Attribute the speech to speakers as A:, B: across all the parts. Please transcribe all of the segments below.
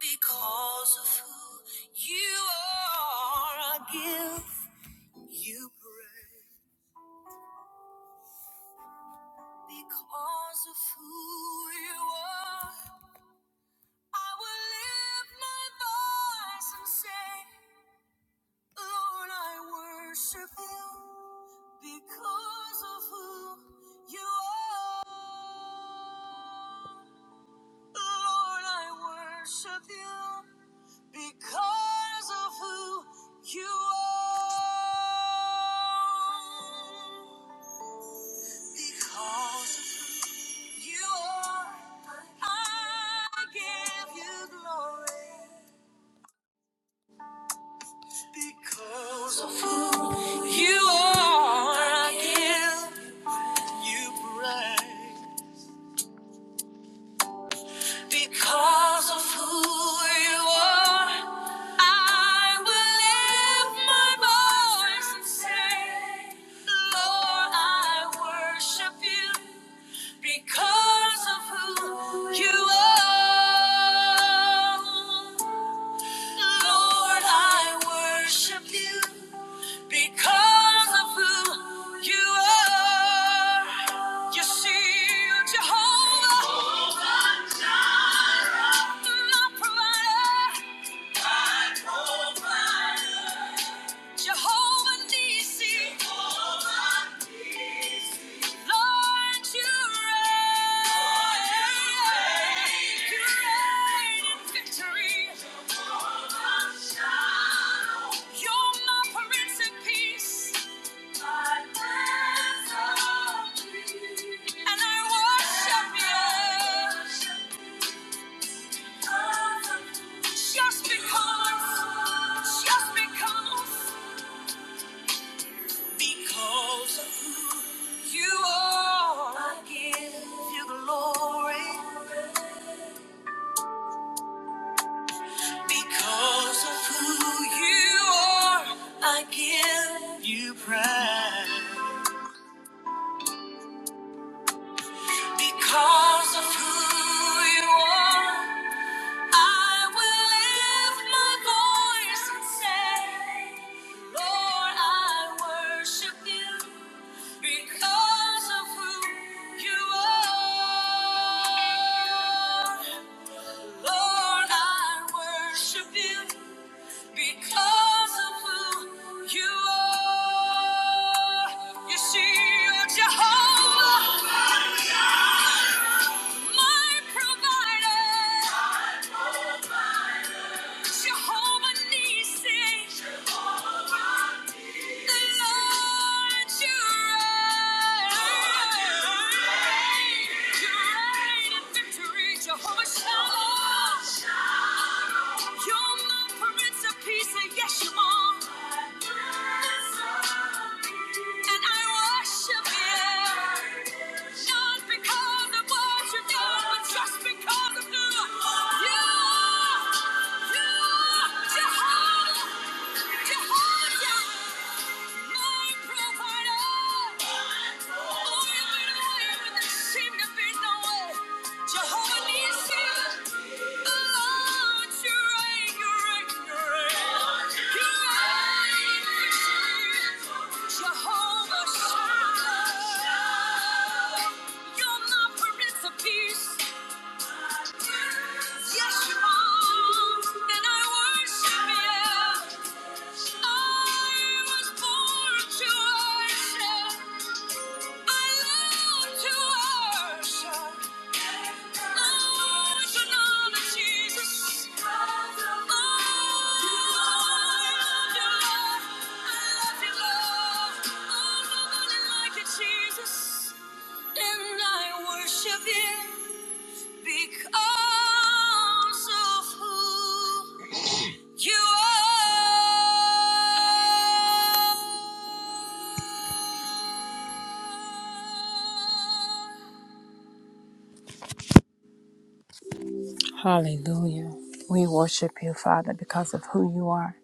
A: Because of who you are, I give you praise. Because of who you are, I will lift my voice and say, Lord, I worship you because of who you are. Lord, I worship you because of who you are. Because of who you are, I give you glory. Because of who you are, I give you praise. Because of who you are, I will lift my voice and say, Lord, I worship you because of who you are. Lord, I worship you because of who you are. You see, Jehovah. Jehovah Nissi, Jehovah Nissi. you Lord, you reign. You reign in victory. You're my Prince of Peace. My Prince of Peace. And I worship you. Just because, just because, because of who you are, I give you glory. Because of who you are, I give you praise. Because of who you are. I will lift my voice and say, Lord, I worship you because of who you are. Lord, I worship you because of who you are. You see, you Jehovah, my provider, Jehovah Nissi. Jehovah Shalom, you're my prince of peace, and yes, you are. And I worship you. Not because of what you've done, but just because of who you are. You are Jehovah. Jehovah. My provider. Oh, you made a way when there seemed to be no way. Jehovah Nissi. Oh, it's you reign, you reign, you reign. You reign. Jehovah Shalom, you're my Prince of Peace. Yes, you are, and I worship you. I was born to worship. Jesus, and I worship Him because of who. You are. Hallelujah. We worship you, Father, because of who you are.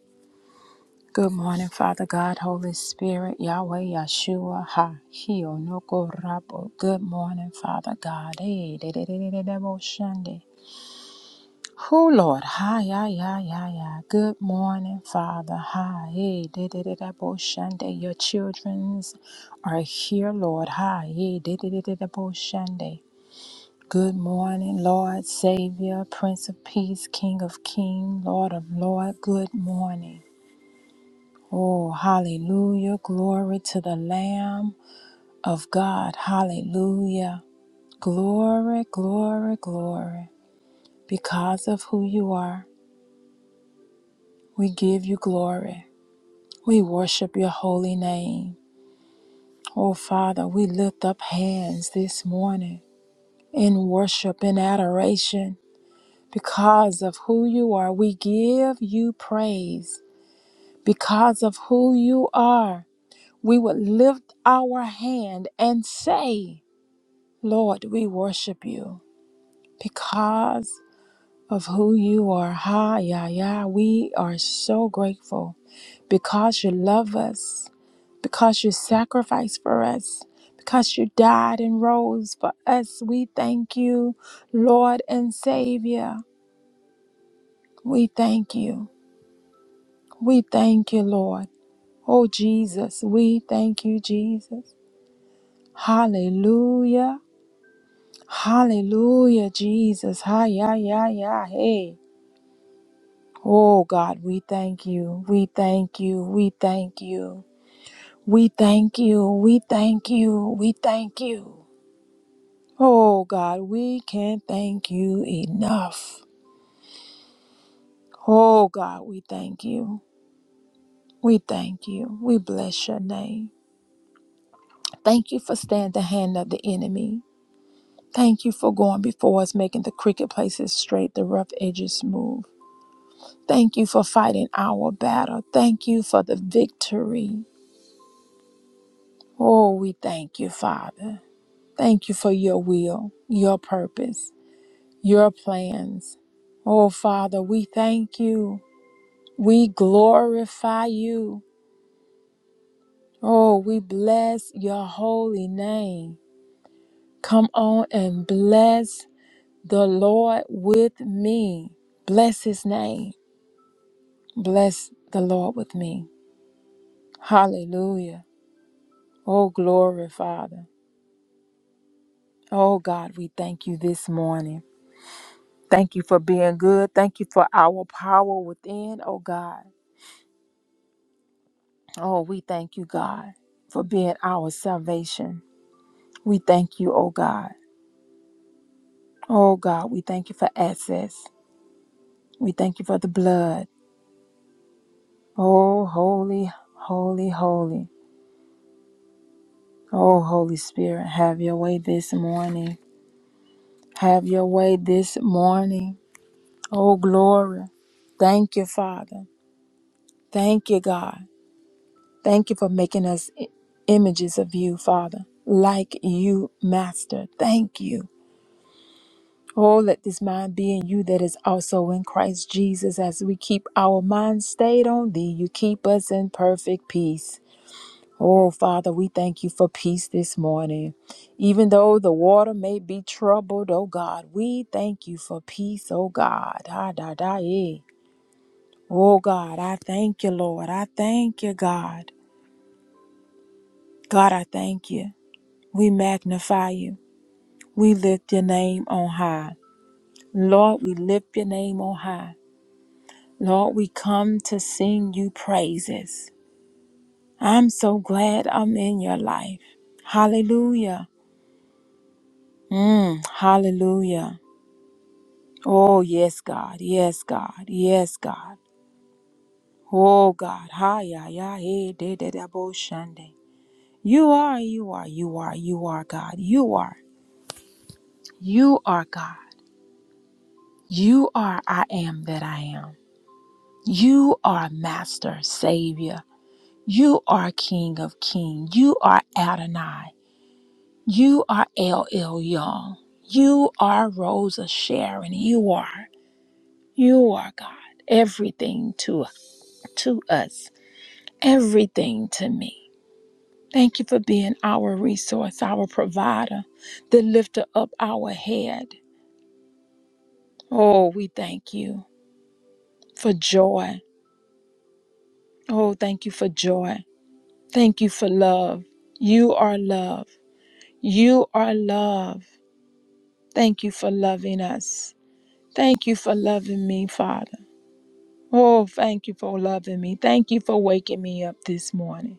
A: Good morning, Father God, Holy Spirit, Yahweh, Yeshua, Ha, Hio, Noko, Rabo. Good morning, Father God. Hey, de- de- de- de- de- de- bo- shande. Oh Lord, hi, ya, ya, ya, hi. Good morning, Father. Hi, hey, da da da da, Boshande. Your childrens are here, Lord. Hi, hey, da da da da da, Boshande. Good morning, Lord, Savior, Prince of Peace, King of King, Lord of Lord. Good morning. Oh, hallelujah. Glory to the Lamb of God. Hallelujah. Glory, glory, glory. Because of who you are, we give you glory. We worship your holy name. Oh, Father, we lift up hands this morning in worship and adoration. Because of who you are, we give you praise. Because of who you are, we would lift our hand and say, Lord, we worship you. Because of who you are, ha, ya, ya, we are so grateful because you love us because you sacrificed for us, because you died and rose for us. We thank you, Lord and Savior. We thank you. We thank you, Lord. Oh, Jesus, we thank you, Jesus. Hallelujah. Hallelujah, Jesus. Hi, yeah, yeah, yeah, hey. Oh, God, we thank you. We thank you. We thank you. We thank you. We thank you. We thank you. Oh God, we can't thank you enough. Oh God, we thank you. We thank you. We bless your name. Thank you for staying the hand of the enemy. Thank you for going before us, making the crooked places straight, the rough edges smooth. Thank you for fighting our battle. Thank you for the victory. Oh, we thank you, Father. Thank you for your will, your purpose, your plans. Oh, Father, we thank you. We glorify you. Oh, we bless your holy name. Come on and bless the Lord with me. Bless his name. Bless the Lord with me. Hallelujah. Oh, glory, Father. Oh, God, we thank you this morning. Thank you for being good. Thank you for our power within, oh God. Oh, we thank you, God, for being our salvation. We thank you, oh God. Oh God, we thank you for access. We thank you for the blood. Oh, holy, holy, holy. Oh, Holy Spirit, have your way this morning. Have your way this morning. Oh, glory. Thank you, Father. Thank you, God. Thank you for making us i- images of you, Father, like you, Master. Thank you. Oh, let this mind be in you that is also in Christ Jesus. As we keep our minds stayed on thee, you keep us in perfect peace. Oh, Father, we thank you for peace this morning. Even though the water may be troubled, oh God, we thank you for peace, oh God. Ah, da, da, eh. Oh God, I thank you, Lord. I thank you, God. God, I thank you. We magnify you. We lift your name on high. Lord, we lift your name on high. Lord, we come to sing you praises. I'm so glad I'm in your life. Hallelujah. Mm, hallelujah. Oh, yes, God. Yes, God. Yes, God. Oh, God. Hi, ya, ya, hey, de, de, de, bo, shande. You are, you are, you are, you are God. You are, you are God. You are, I am that I am. You are Master, Savior. You are King of King. You are Adonai. You are L. LL Young. You are Rosa Sharon. You are. You are God. Everything to to us. Everything to me. Thank you for being our resource, our provider, the lifter up our head. Oh, we thank you for joy. Oh, thank you for joy. Thank you for love. You are love. You are love. Thank you for loving us. Thank you for loving me, Father. Oh, thank you for loving me. Thank you for waking me up this morning.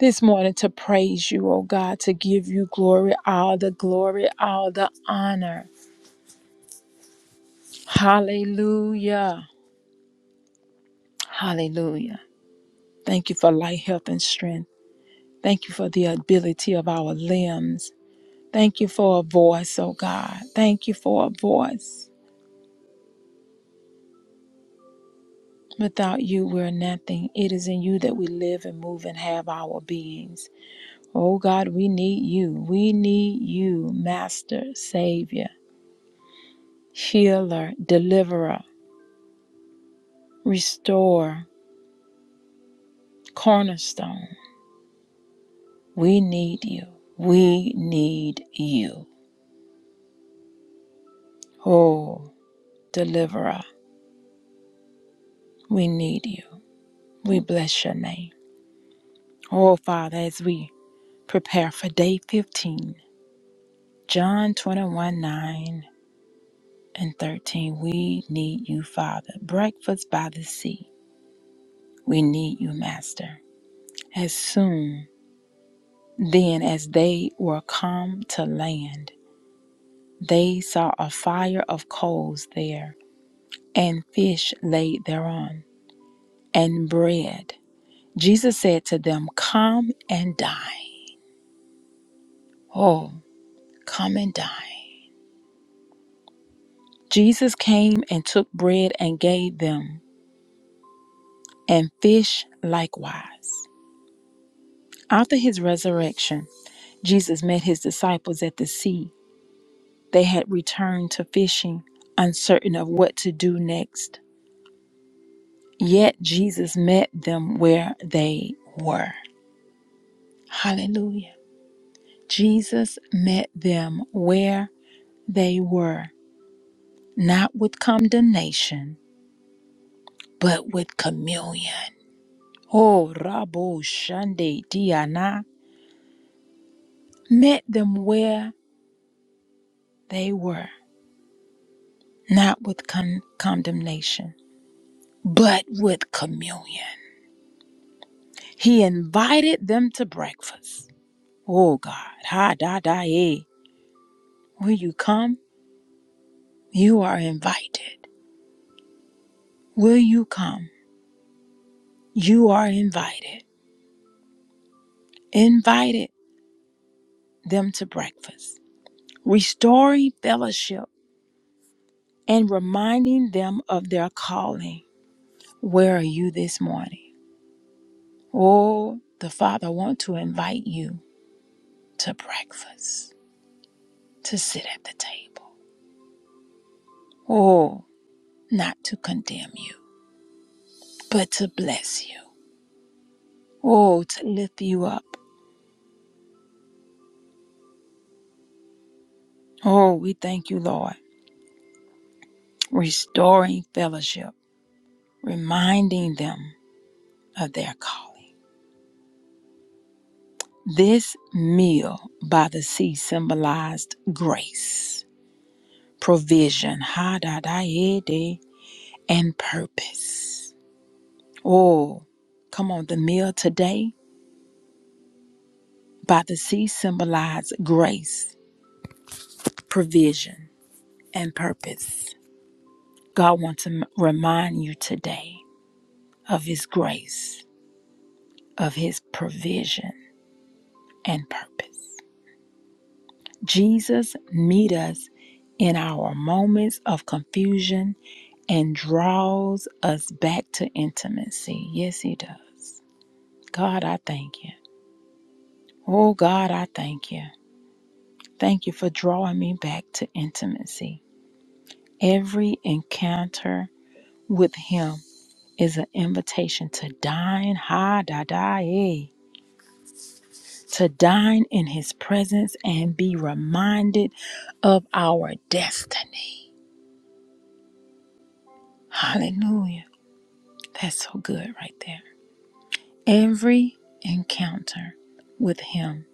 A: This morning to praise you, oh God, to give you glory, all the glory, all the honor. Hallelujah. Hallelujah. Thank you for life, health, and strength. Thank you for the ability of our limbs. Thank you for a voice, oh God. Thank you for a voice. Without you, we're nothing. It is in you that we live and move and have our beings. Oh God, we need you. We need you, Master, Savior, Healer, Deliverer, Restorer, Cornerstone. We need you. We need you. Oh, Deliverer, we need you. We bless your name. Oh, Father, as we prepare for day 15, John 21 9 and 13, we need you, Father. Breakfast by the sea. We need you, Master. As soon Then, as they were come to land, they saw a fire of coals there, and fish laid thereon, and bread. Jesus said to them, Come and dine. Oh, come and dine. Jesus came and took bread and gave them, and fish likewise. After his resurrection, Jesus met his disciples at the sea. They had returned to fishing, uncertain of what to do next. Yet Jesus met them where they were. Hallelujah. Jesus met them where they were, not with condemnation, but with communion. Oh, Rabo Shande Diana met them where they were, not with con- condemnation, but with communion. He invited them to breakfast. Oh, God. Ha da da eh. Will you come? You are invited. Will you come? You are invited. Invited them to breakfast, restoring fellowship and reminding them of their calling. Where are you this morning? Oh, the Father wants to invite you to breakfast, to sit at the table. Oh, not to condemn you, but to bless you. Oh, to lift you up. Oh, we thank you, Lord. Restoring fellowship, reminding them of their calling. This meal by the sea symbolized grace, provision, ha da da ye de, and purpose. Oh, come on, the meal today by the sea symbolized grace, provision, and purpose. God wants to m- remind you today of His grace, of His provision and purpose. Jesus, meets us in our moments of confusion and draws us back to intimacy. Yes, He does. God, I thank you. Oh, God, I thank you. Thank you for drawing me back to intimacy. Every encounter with Him is an invitation to dine, ha da da, eh, to dine in His presence and be reminded of our destiny. Hallelujah. That's so good right there. Every encounter with Him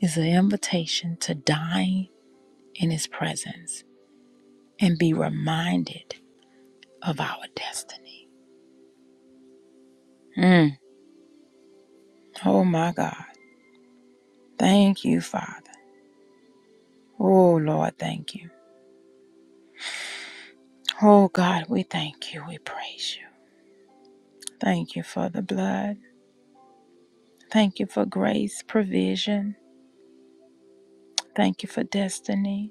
A: is an invitation to dine in His presence and be reminded of our destiny. Mm. Oh my God. Thank you, Father. Oh Lord, thank you. Oh God, we thank you. We praise you. Thank you for the blood. Thank you for grace, provision. Thank you for destiny.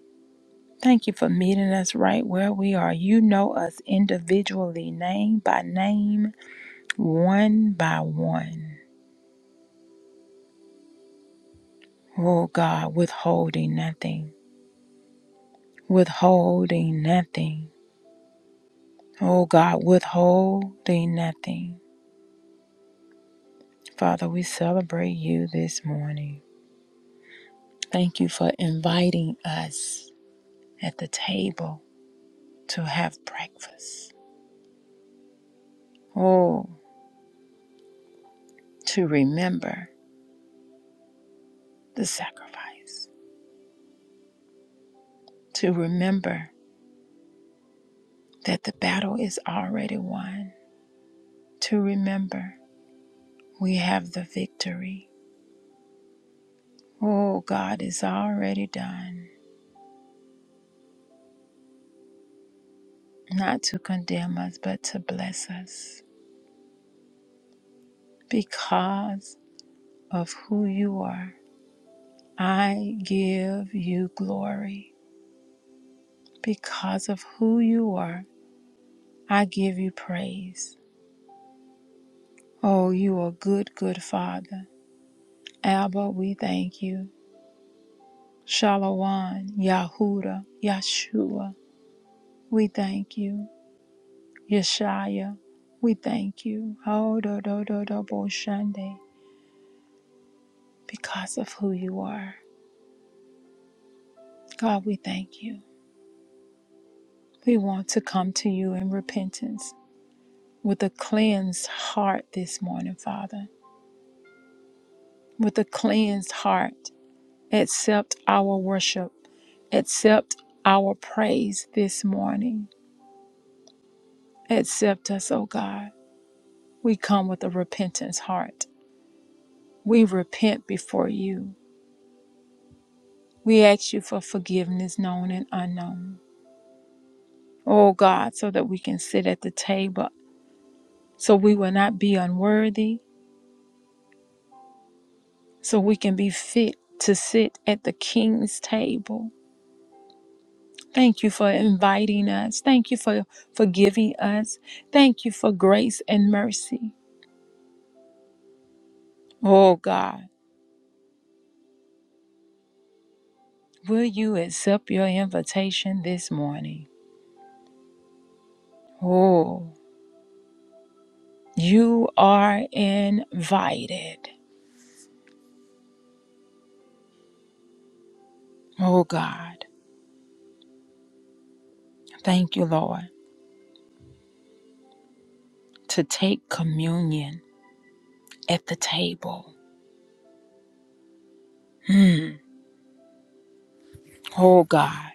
A: Thank you for meeting us right where we are. You know us individually, name by name, one by one. Oh God, withholding nothing, withholding nothing. Oh God, withholding nothing. Father, we celebrate you this morning. Thank you for inviting us at the table to have breakfast. Oh, to remember the sacrifice, to remember that the battle is already won. To remember, we have the victory. Oh, God is already done, not to condemn us, but to bless us. Because of who you are, I give you glory. Because of who you are, I give you praise. Oh, you are good, good Father. Abba, we thank you. Shalom, Yahuda, Yeshua, we thank you. Yeshaya, we thank you. Oh, do, do, do, do, bo, shande, because of who you are. God, we thank you. We want to come to you in repentance with a cleansed heart this morning, Father. With a cleansed heart, accept our worship, accept our praise this morning. Accept us, O God. We come with a repentance heart. We repent before you. We ask you for forgiveness, known and unknown. oh God, so that we can sit at the table, so we will not be unworthy, so we can be fit to sit at the King's table. Thank you for inviting us. Thank you for forgiving us. Thank you for grace and mercy. Oh God, will you accept your invitation this morning? Oh, you are invited. Oh God, thank you, Lord, to take communion at the table. Oh God.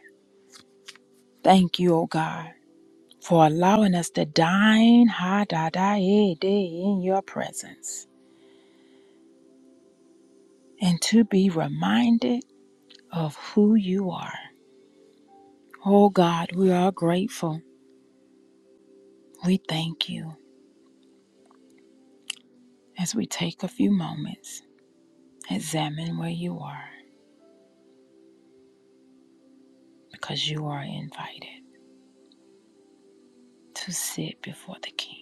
A: Thank you, O God, for allowing us to dine ha da da eh, day in your presence and to be reminded of who you are. Oh God, we are grateful. We thank you as we take a few moments, examine where you are, because you are invited to sit before the King.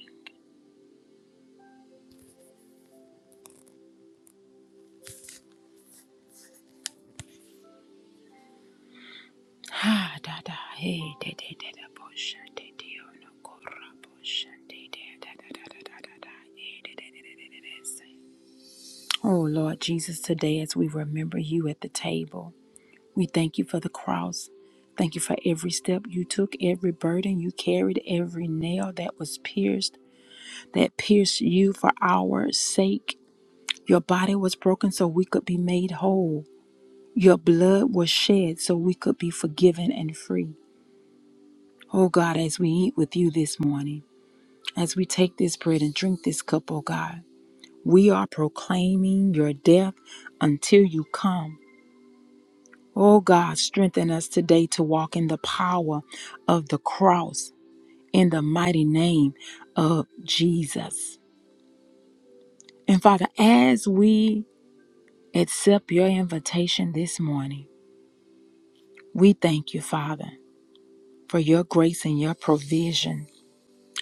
A: Ha da da eh, de de de da bo sha, de de oh, no, go, ra, bo, sha, de de da da da da da da da eh, de de de de de de de, say. Oh, Lord Jesus, today as we remember you at the table, we thank you for the cross. Thank you for every step you took, every burden you carried, every nail that was pierced, that pierced you for our sake. Your body was broken so we could be made whole. Your blood was shed so we could be forgiven and free. Oh God, as we eat with you this morning, as we take this bread and drink this cup, oh God, we are proclaiming your death until you come. Oh God, strengthen us today to walk in the power of the cross in the mighty name of Jesus. And Father, as we accept your invitation this morning, we thank you, Father, for your grace and your provision.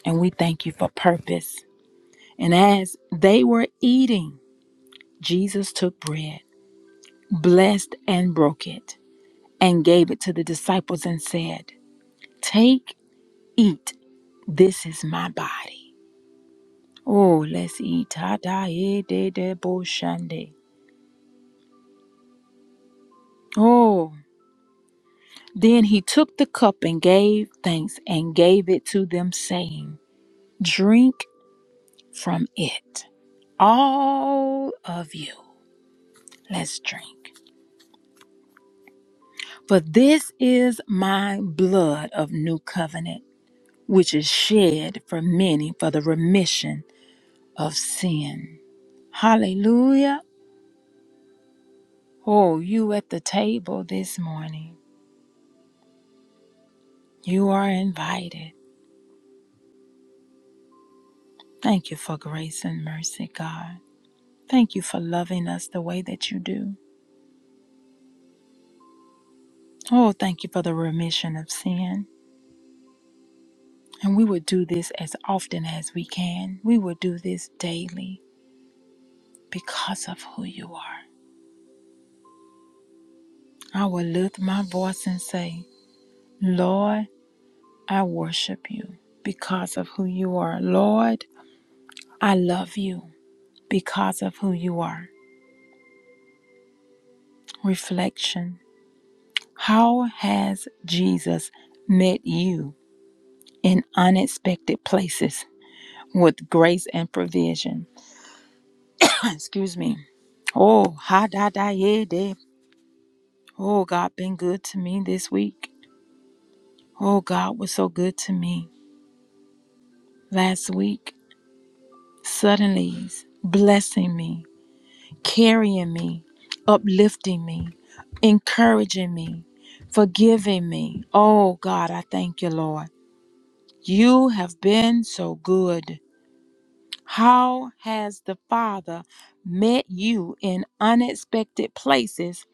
A: And we thank you for purpose. And as they were eating, Jesus took bread, blessed and broke it, and gave it to the disciples and said, Take, eat, this is my body. Oh, let's eat. Ta da eh, de de bo shande. Oh. Then he took the cup and gave thanks and gave it to them, saying, Drink from it, all of you. Let's drink. For this is my blood of new covenant, which is shed for many for the remission of sin. Hallelujah. Oh, you at the table this morning. You are invited. Thank you for grace and mercy, God. Thank you for loving us the way that you do. Oh, thank you for the remission of sin. And we would do this as often as we can. We would do this daily because of who you are. I will lift my voice and say, Lord, I worship you because of who you are. Lord, I love you because of who you are. Reflection How has Jesus met you? in unexpected places with grace and provision. Excuse me. Oh, ha da da yeah de. Oh, God been good to me this week. Oh, God was so good to me last week. Suddenly, blessing me, carrying me, uplifting me, encouraging me, forgiving me. Oh, God, I thank you, Lord. You have been so good. How has the Father met you in unexpected places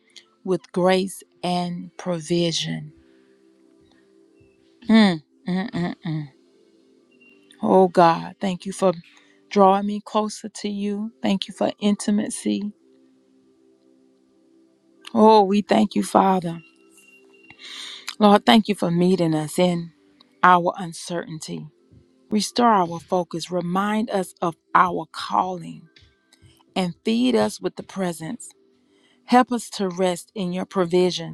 A: with grace and provision? Mm, mm, mm, mm. Oh God, thank you for drawing me closer to you. Thank you for intimacy. Oh, we thank you, Father. Lord, thank you for meeting us in our uncertainty. Restore our focus, remind us of our calling, and feed us with the presence. Help us to rest in your provision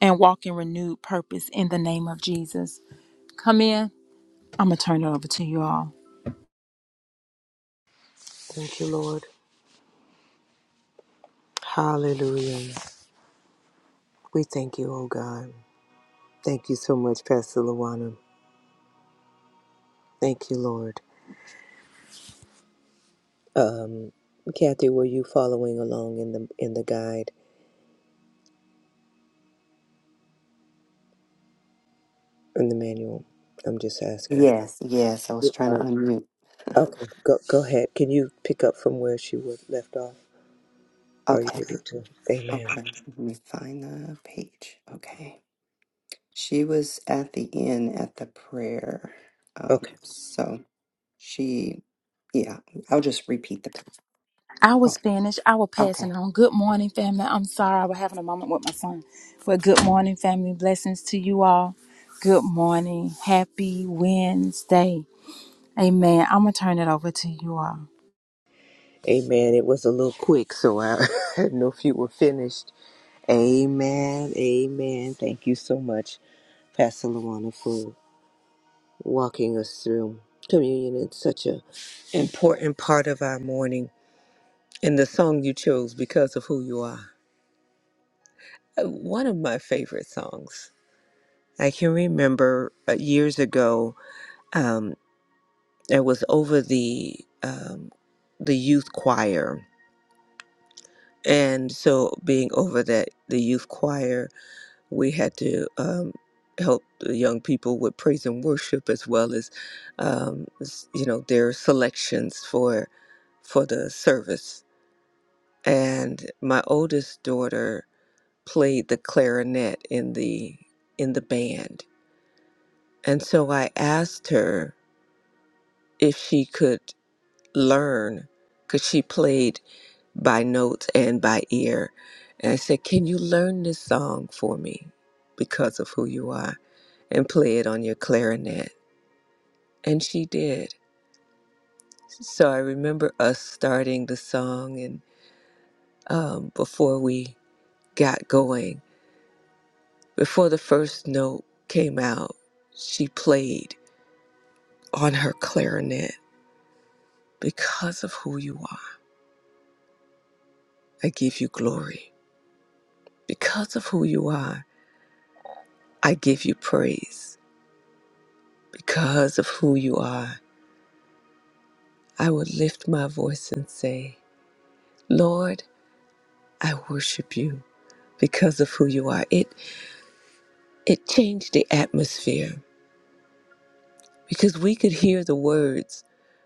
A: and walk in renewed purpose in the name of Jesus. Come in. I'm going to turn it over to you all.
B: Thank you, Lord. Hallelujah. We thank you, oh God. Thank you so much, Pastor Luana. Thank you, Lord. Um, Kathy, were you following along in the in the guide in the manual? I'm just asking.
C: Yes, yes. I was
B: You
C: trying to
B: are.
C: unmute.
B: Okay, go go ahead. Can you pick up from where she was left off? Are you
C: Okay,
B: able to? Amen.
C: okay. Let me find the page. Okay. She was at the end at the prayer.
B: Okay.
C: Um, so she, yeah, I'll just repeat the page.
A: I was
C: Okay.
A: finished. I will pass it
C: okay.
A: on. Good morning, family. I'm sorry I was having a moment with my son. But good morning, family. Blessings to you all. Good morning. Happy Wednesday. Amen. I'm going to turn it over to you all.
B: Amen. It was a little quick, so I, I didn't know if you were finished. Amen. Amen. Thank you so much, Pastor Luana, for walking us through communion. It's such an important part of our morning. And the song you chose, Because of Who You Are, uh, one of my favorite songs. I can remember uh, years ago, um, I was over the um, the youth choir, and so being over that the youth choir, we had to um, help the young people with praise and worship as well as um, s- you know their selections for for the service and my oldest daughter played the clarinet in the in the band and so i asked her if she could learn because she played by notes and by ear and i said can you learn this song for me because of who you are and play it on your clarinet and she did so i remember us starting the song and um, before we got going Before the first note came out, she played on her clarinet. Because of who you are, I give you glory. Because of who you are, I give you praise. Because of who you are, I will lift my voice and say, Lord, I worship you because of who you are. It it changed the atmosphere because we could hear the words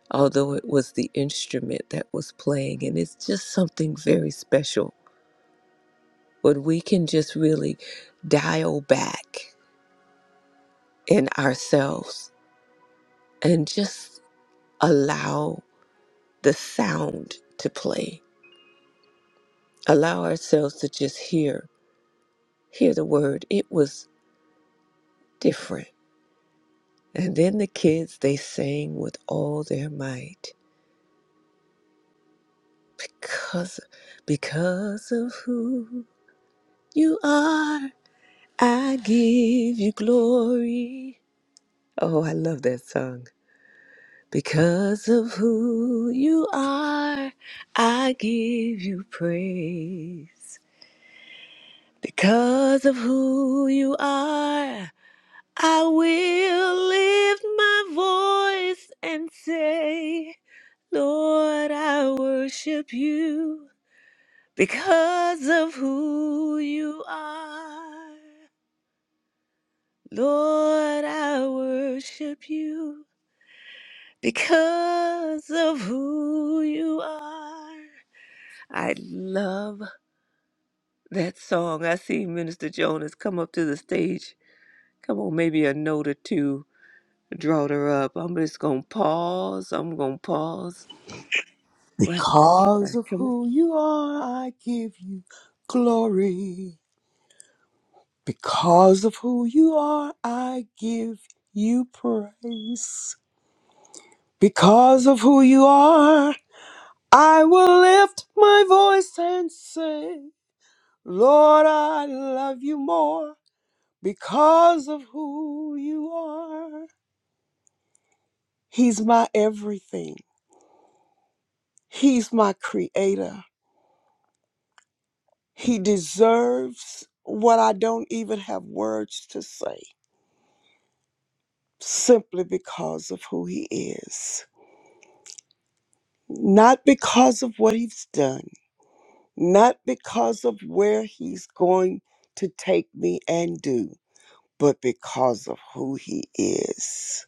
B: although it was the instrument that was playing and it's just something very special when we can just really dial back in ourselves and just allow the sound to play allow ourselves to just hear hear the word it was different and then the kids they sang with all their might because because of who you are i give you glory oh i love that song Because of who you are, I give you praise. Because of who you are, I will lift my voice and say, Lord, I worship you. Because of who you are, Lord, I worship you. Because of who you are. I love that song. I see Minister Jonas come up to the stage. Come on, maybe a note or two drawed her up. I'm just gonna pause. I'm gonna pause right
D: Because
B: there.
D: of
B: Come on.
D: who you are, I give you glory. Because of who you are, I give you praise. Because of who you are, I will lift my voice and say, Lord, I love you more because of who you are. He's my everything. He's my creator. He deserves what I don't even have words to say. simply because of who he is, not because of what he's done, not because of where he's going to take me and do, but because of who he is.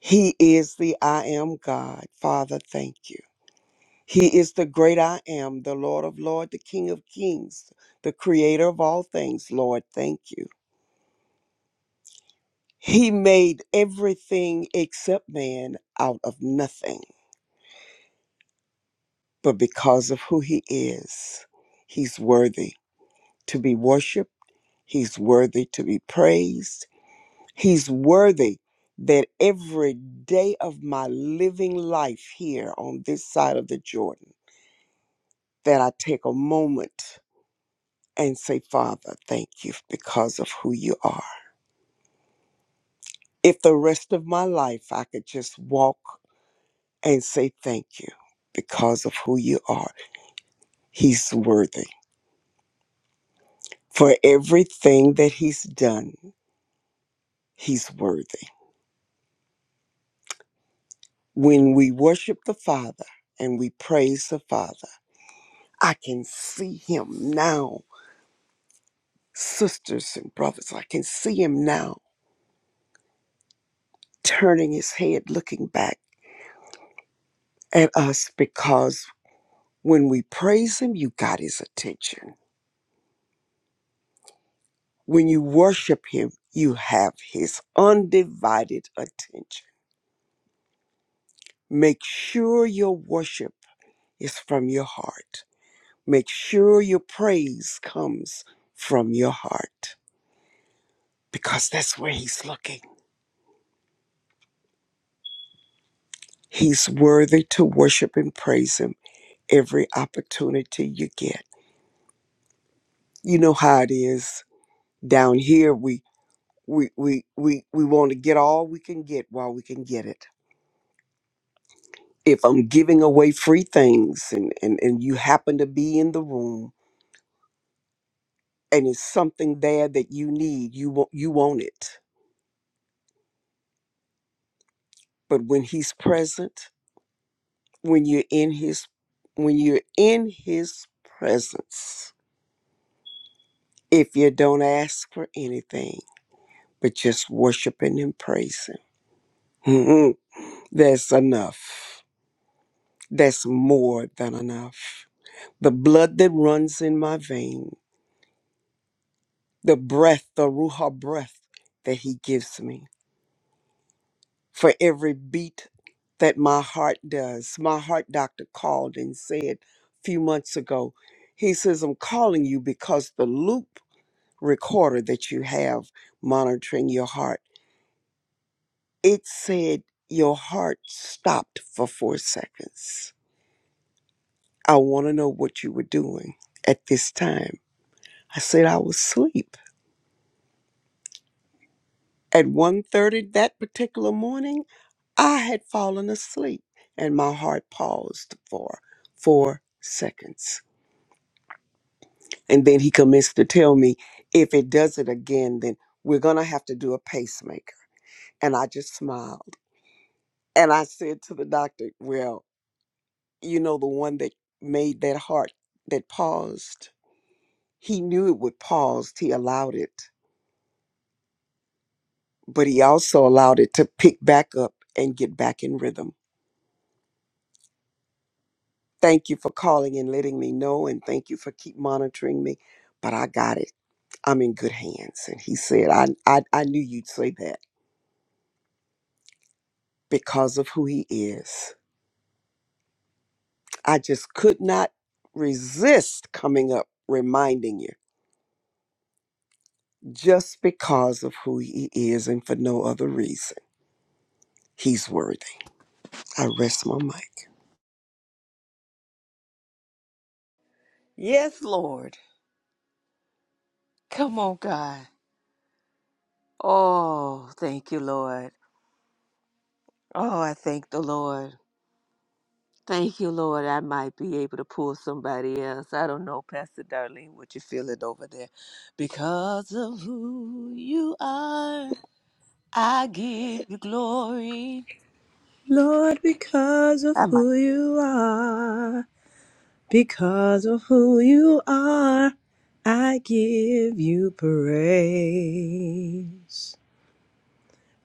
D: He is the I am God. Father, thank you. He is the great I am, the Lord of Lords, the King of Kings, the creator of all things. Lord, thank you. He made everything except man out of nothing. but because of who he is, he's worthy to be worshiped. He's worthy to be praised. He's worthy that every day of my living life here on this side of the Jordan, that I take a moment and say, Father, thank you because of who you are. If the rest of my life I could just walk and say thank you because of who you are, he's worthy for everything that he's done He's worthy. When we worship the Father and we praise the Father, I can see him now, sisters and brothers. I can see him now turning his head, looking back at us because when we praise him, you got his attention. When you worship him, you have his undivided attention. Make sure your worship is from your heart. Make sure your praise comes from your heart because that's where He's looking. He's worthy to worship and praise Him every opportunity you get. You know how it is down here. We we we we we want to get all we can get while we can get it. If I'm giving away free things and and and you happen to be in the room and it's something there that you need, you want you want it. But when He's present, when you're in His when you're in His presence if you don't ask for anything, but just worshiping and praising. Mhm. That's enough. That's more than enough. The blood that runs in my vein, the breath, the Ruha breath that He gives me, for every beat that my heart does. My heart doctor called and said a few months ago, he says, I'm calling you because the loop recorder that you have monitoring your heart It said your heart stopped for four seconds. I want to know what you were doing at this time. I said I was asleep. At one thirty that particular morning, I had fallen asleep and my heart paused for four seconds. And then he commenced to tell me, if it does it again, then we're going to have to do a pacemaker. And I just smiled. And I said to the doctor, well, you know, the one that made that heart that paused. He knew it would pause. He allowed it, but he also allowed it to pick back up and get back in rhythm. Thank you for calling and letting me know, and thank you for keep monitoring me. But I got it. I'm in good hands. And he said, I, I, I knew you'd say that because of who he is. I just could not resist coming up reminding you just because of who he is and for no other reason. He's worthy. I rest my mic.
B: Yes, Lord. Come on, God. Oh, thank you, Lord. Oh, I thank the Lord. Thank you, Lord. I might be able to pull somebody else. I don't know, Pastor Darlene, what you're feeling over there. Because of who you are. I give you glory.
E: Lord, because of
B: I might
E: who you are, because of who you are, I give you praise.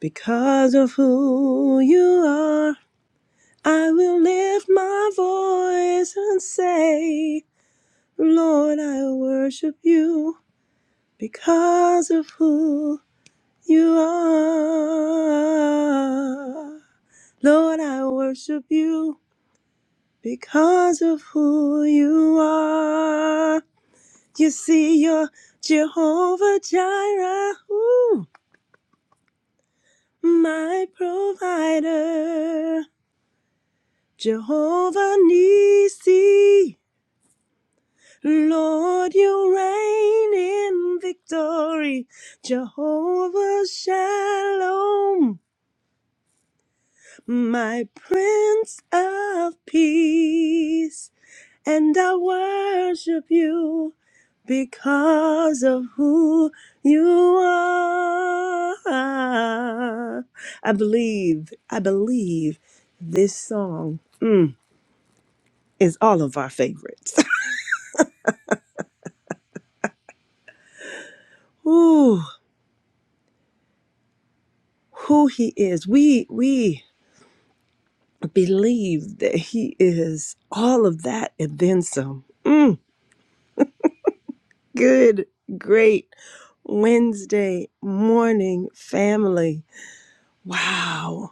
E: Because of who you are, I will lift my voice and say, Lord, I worship you because of who you are. Lord, I worship you because of who you are. You see, you're Jehovah Jireh, ooh, my provider. Jehovah Nissi, Lord, you reign in victory. Jehovah Shalom, my Prince of Peace. And I worship you because of who you are. I believe, I believe this song mm, is all of our favorites. Ooh, who he is. We we believe that he is all of that and then some. Mm, good, great Wednesday morning family. Wow.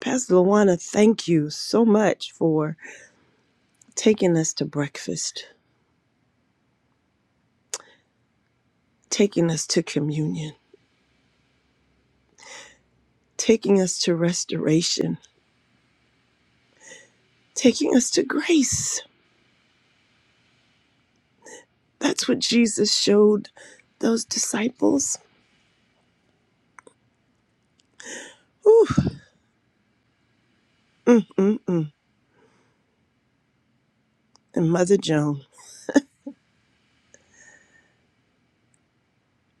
E: Pastor Luana, thank you so much for taking us to breakfast, taking us to communion, taking us to restoration, taking us to grace. That's what Jesus showed those disciples. Ooh, mm, mm, mm. And Mother Joan,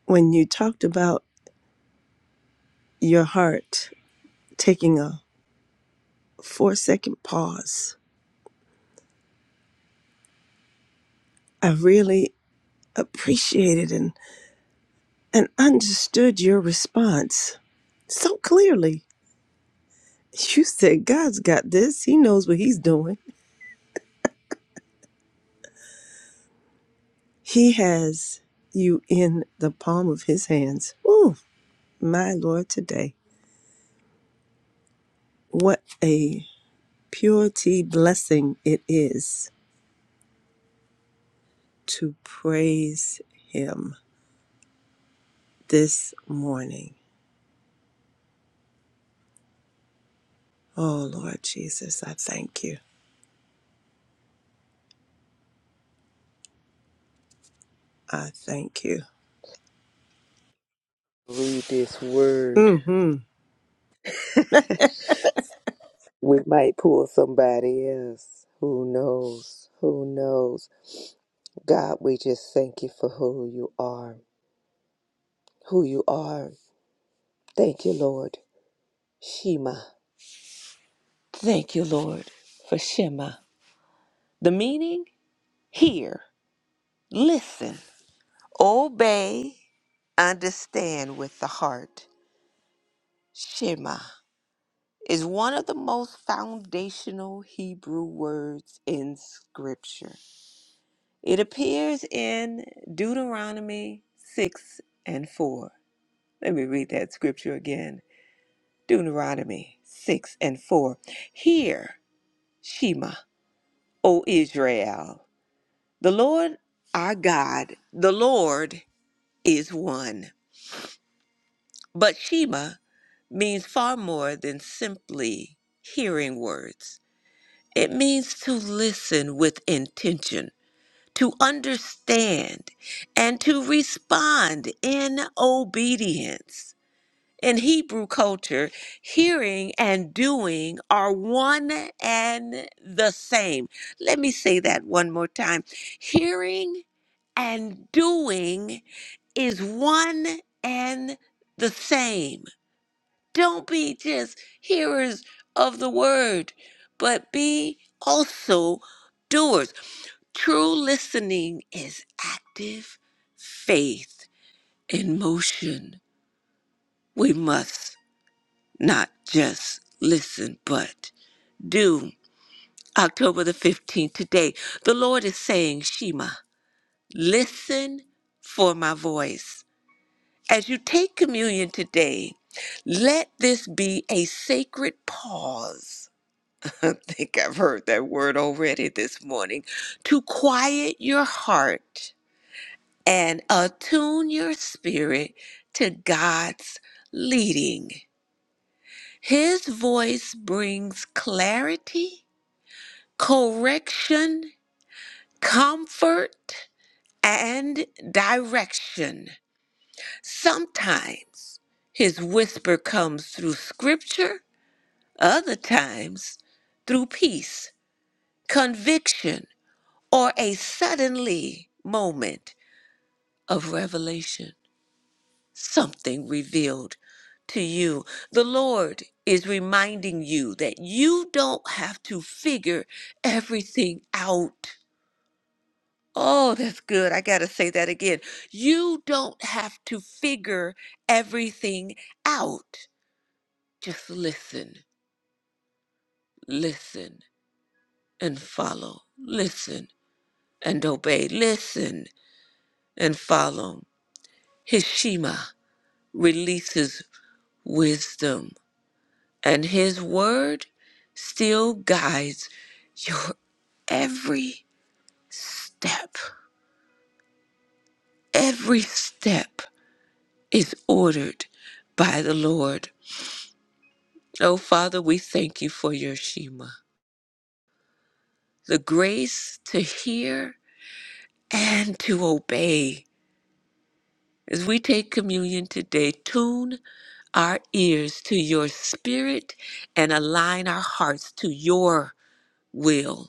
E: when you talked about your heart taking a four second pause, I really appreciated and, and understood your response so clearly You said God's got this. He knows what he's doing. He has you in the palm of his hands. Oh, my Lord, today. What a purity blessing it is to praise him this morning. Oh, Lord Jesus, I thank you. I thank you.
B: read this word.
E: Mm-hmm.
B: We might pull somebody else. Who knows? Who knows? God, we just thank you for who you are. Who you are. Thank you, Lord. Shema. Thank you, Lord, for Shema. The meaning? Hear, listen, obey, understand with the heart. Shema. is one of the most foundational Hebrew words in Scripture. It appears in Deuteronomy 6 and 4. Let me read that scripture again. Deuteronomy 6 and 4. Hear, Shema, O Israel, the Lord our God, the Lord is one. But Shema means far more than simply hearing words. It means to listen with intention, to understand, and to respond in obedience. In Hebrew culture, hearing and doing are one and the same. Let me say that one more time. Hearing and doing is one and the same. Don't be just hearers of the word, but be also doers. True listening is active faith in motion. We must not just listen, but do. October the 15th, today, the Lord is saying, Shema, listen for my voice. As you take communion today, let this be a sacred pause I think I've heard that word already this morning. To quiet your heart and attune your spirit to God's leading. His voice brings clarity, correction, comfort, and direction. Sometimes his whisper comes through scripture, other times through peace, conviction or a suddenly moment of revelation, something revealed to you. The Lord is reminding you that you don't have to figure everything out. Oh, that's good. I got to say that again. You don't have to figure everything out. Just listen, listen, and follow. Listen and obey. Listen and follow. His Shema. releases wisdom, and His word still guides your every step. Every step is ordered by the Lord. Oh, Father, we thank you for your Shema, the grace to hear and to obey. As we take communion today, tune our ears to your spirit and align our hearts to your will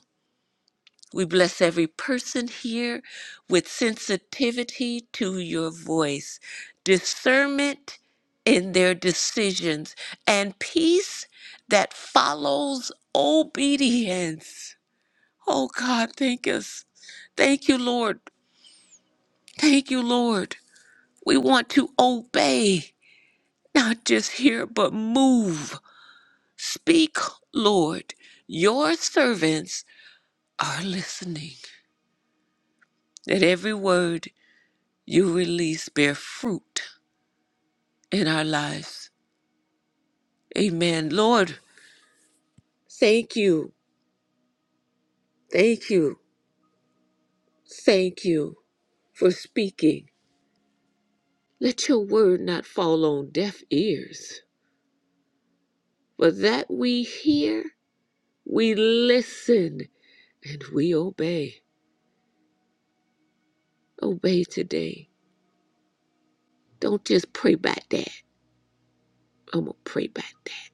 B: We bless every person here with sensitivity to your voice, discernment in their decisions, and peace that follows obedience. Oh God, thank us. Thank you, Lord. Thank you, Lord. We want to obey, not just hear, but move. Speak, Lord. Your servants are listening. That every word you release bear fruit in our lives. Amen. Lord, thank you, thank you, thank you for speaking. Let your word not fall on deaf ears, but that we hear, we listen, and we obey. Obey today. Don't just pray about that. I'm going to pray about that.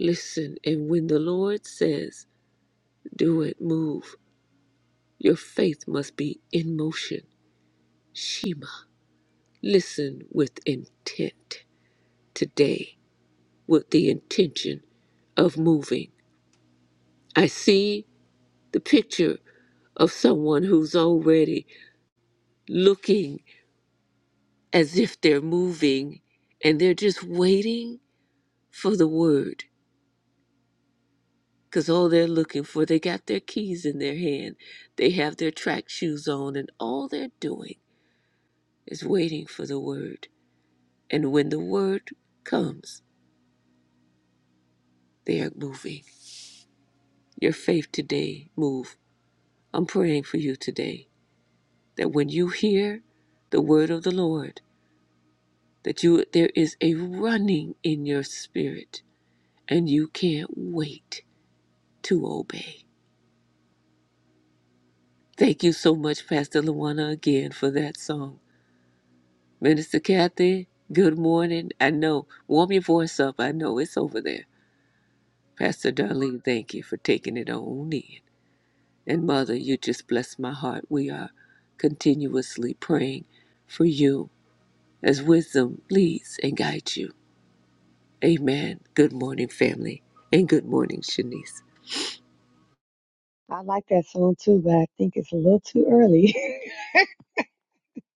B: Listen, and when the Lord says, do it, move, your faith must be in motion. Shema. Listen with intent today, with the intention of moving. I see the picture of someone who's already looking as if they're moving and they're just waiting for the word because all they're looking for, they got their keys in their hand, they have their track shoes on, and all they're doing is waiting for the word. And when the word comes, they are moving. Your faith today move I'm praying for you today that when you hear the word of the Lord, that you there is a running in your spirit and you can't wait to obey. Thank you so much, Pastor Luana, again for that song. Minister Kathy, good morning. I know. Warm your voice up. I know it's over there. Pastor Darlene, thank you for taking it on in. And Mother, you just bless my heart. We are continuously praying for you as wisdom leads and guides you. Amen. Good morning, family. And good morning, Shanice.
F: I like that song too, but I think it's a little too early.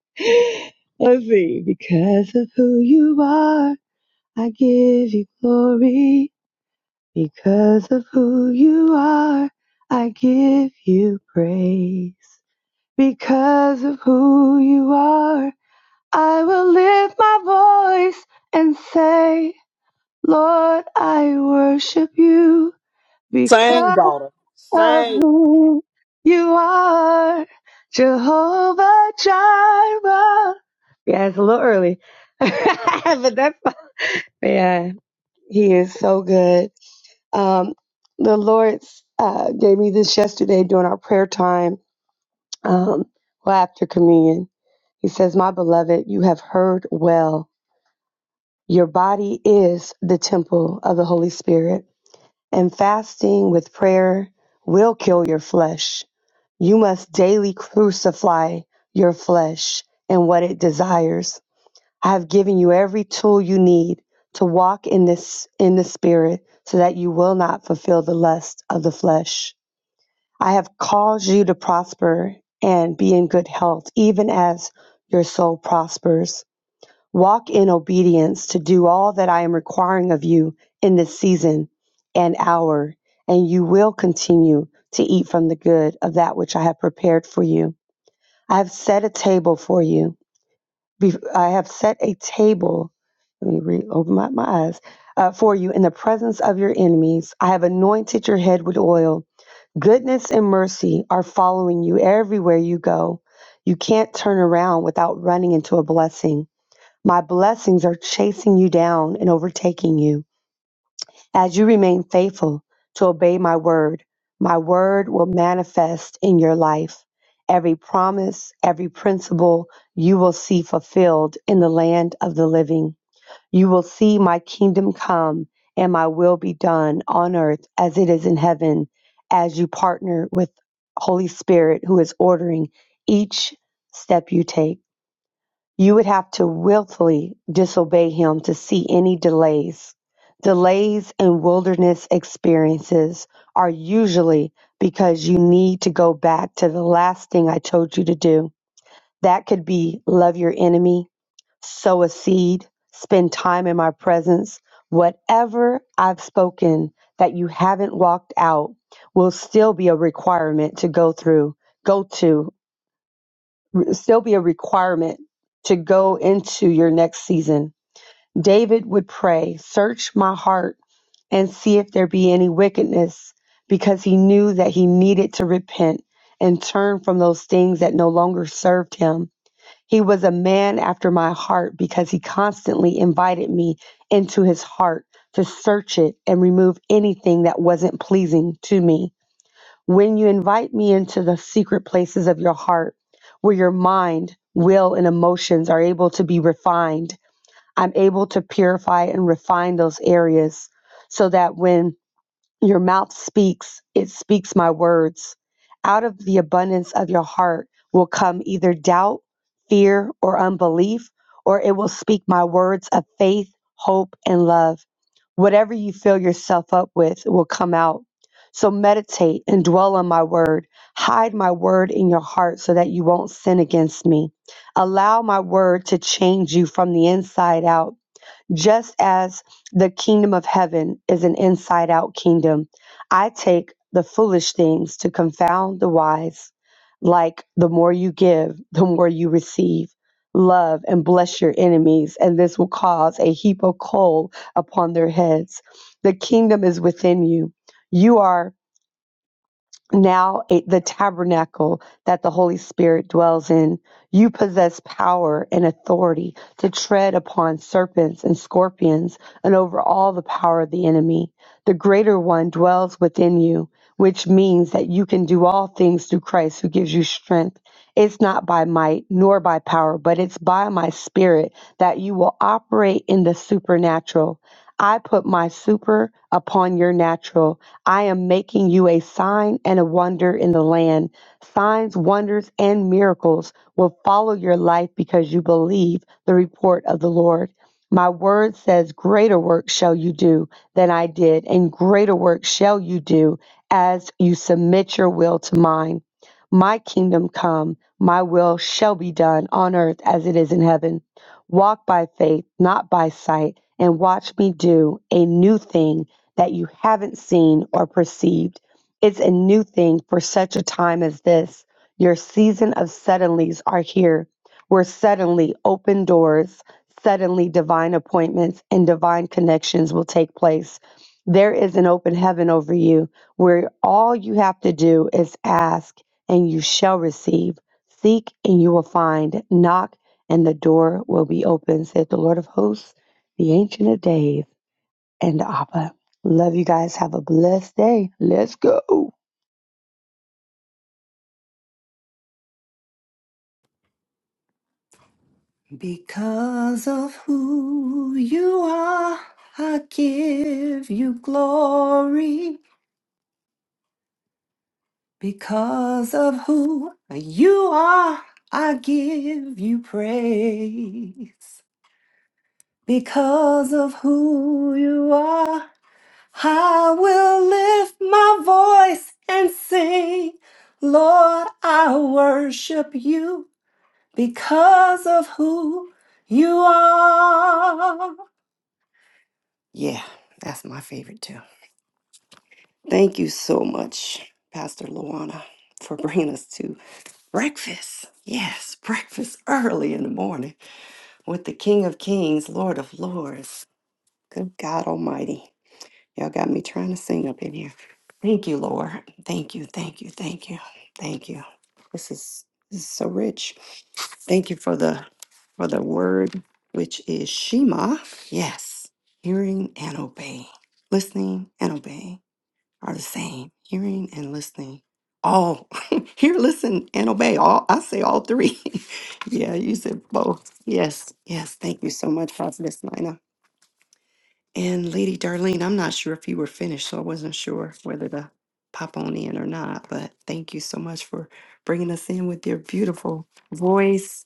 F: Let's see. Because of who you are, I give you glory. Because of who you are, I give you praise. Because of who you are, I will lift my voice and say, Lord, I worship you.
D: Sing,
F: Because.
D: daughter.
F: of
D: Sing.
F: who you are, Jehovah Jireh. Yeah, it's a little early, but that's fine. Yeah, he is so good. Um, the Lord uh, gave me this yesterday during our prayer time, um, well after communion. He says, "My beloved, you have heard well. Your body is the temple of the Holy Spirit." and fasting with prayer will kill your flesh. You must daily crucify your flesh and what it desires. I have given you every tool you need to walk in this in the spirit so that you will not fulfill the lust of the flesh. I have caused you to prosper and be in good health even as your soul prospers. Walk in obedience to do all that I am requiring of you in this season and hour, and you will continue to eat from the good of that which I have prepared for you. I have set a table for you. Be- I have set a table. Let me re- open my, my eyes. Uh, for you in the presence of your enemies. I have anointed your head with oil. Goodness and mercy are following you everywhere you go. You can't turn around without running into a blessing. My blessings are chasing you down and overtaking you. As you remain faithful to obey my word, my word will manifest in your life. Every promise, every principle you will see fulfilled in the land of the living. You will see my kingdom come and my will be done on earth as it is in heaven as you partner with Holy Spirit who is ordering each step you take. You would have to willfully disobey him to see any delays. Delays in wilderness experiences are usually because you need to go back to the last thing I told you to do. That could be love your enemy, sow a seed, spend time in my presence. Whatever I've spoken that you haven't walked out will still be a requirement to go through, go to, still be a requirement to go into your next season. David would pray, Search my heart and see if there be any wickedness, because he knew that he needed to repent and turn from those things that no longer served him. He was a man after my heart because he constantly invited me into his heart to search it and remove anything that wasn't pleasing to me. When you invite me into the secret places of your heart, where your mind, will, and emotions are able to be refined, I'm able to purify and refine those areas so that when your mouth speaks, it speaks my words. Out of the abundance of your heart will come either doubt, fear, or unbelief, or it will speak my words of faith, hope, and love. Whatever you fill yourself up with will come out. So meditate and dwell on my word. Hide my word in your heart so that you won't sin against me. Allow my word to change you from the inside out. Just as the kingdom of heaven is an inside out kingdom, I take the foolish things to confound the wise. Like the more you give, the more you receive. Love and bless your enemies, and this will cause a heap of coal upon their heads. The kingdom is within you. You are now it, the tabernacle that the Holy Spirit dwells in, you possess power and authority to tread upon serpents and scorpions and over all the power of the enemy. The greater one dwells within you, which means that you can do all things through Christ who gives you strength. It's not by might nor by power, but it's by my spirit that you will operate in the supernatural. I put my super upon your natural. I am making you a sign and a wonder in the land. Signs, wonders, and miracles will follow your life because you believe the report of the Lord. My word says, Greater work shall you do than I did, and greater work shall you do as you submit your will to mine. My kingdom come, my will shall be done on earth as it is in heaven. Walk by faith, not by sight and watch me do a new thing that you haven't seen or perceived. It's a new thing for such a time as this. Your season of suddenlies are here, where suddenly open doors, suddenly divine appointments, and divine connections will take place. There is an open heaven over you where all you have to do is ask and you shall receive. Seek and you will find. Knock and the door will be open, saith the Lord of hosts the Ancient of Days, and Abba. Love you guys. Have a blessed day. Let's go.
C: Because of who you are, I give you glory. Because of who you are, I give you praise. Because of who you are, I will lift my voice and sing. Lord, I worship you because of who you are. Yeah, that's my favorite too. Thank you so much, Pastor Luana, for bringing us to breakfast. Yes, breakfast early in the morning with the King of Kings, Lord of Lords. Good God Almighty. Y'all got me trying to sing up in here. Thank you, Lord. Thank you, thank you, thank you, thank you. This is this is so rich. Thank you for the for the word which is Shema. Yes, hearing and obeying, listening and obeying are the same. Hearing and listening, all hear, listen, and obey. All I say, all three. yeah, you said both. Yes, yes. Thank you so much, Prophetess Nina. And Lady Darlene, I'm not sure if you were finished, so I wasn't sure whether to pop on in or not. But thank you so much for bringing us in with your beautiful voice.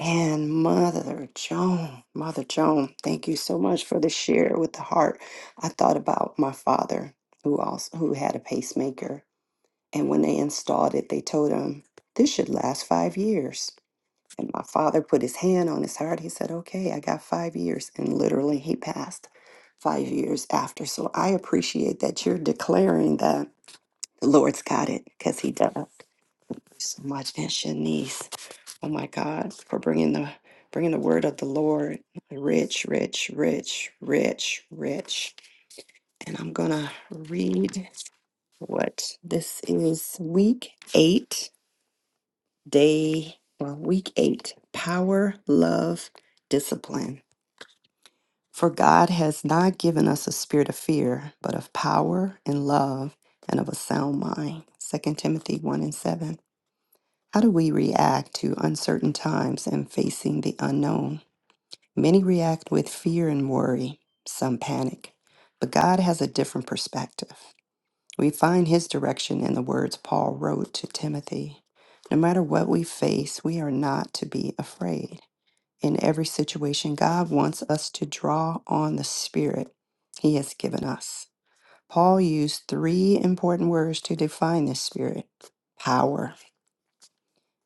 C: And Mother Joan, Mother Joan, thank you so much for the share with the heart. I thought about my father who also who had a pacemaker. And when they installed it, they told him this should last five years. And my father put his hand on his heart. He said, Okay, I got five years. And literally, he passed five years after. So I appreciate that you're declaring that the Lord's got it because he does. Thank you So much, and Shanice. Oh my God, for bringing the bringing the word of the Lord, rich, rich, rich, rich, rich. And I'm gonna read what this is, week eight day, well, week eight, power, love, discipline. For God has not given us a spirit of fear, but of power and love and of a sound mind. Second Timothy 1 and 7. How do we react to uncertain times and facing the unknown? Many react with fear and worry, some panic. But God has a different perspective. We find his direction in the words Paul wrote to Timothy. No matter what we face, we are not to be afraid. In every situation, God wants us to draw on the Spirit he has given us. Paul used three important words to define this Spirit power.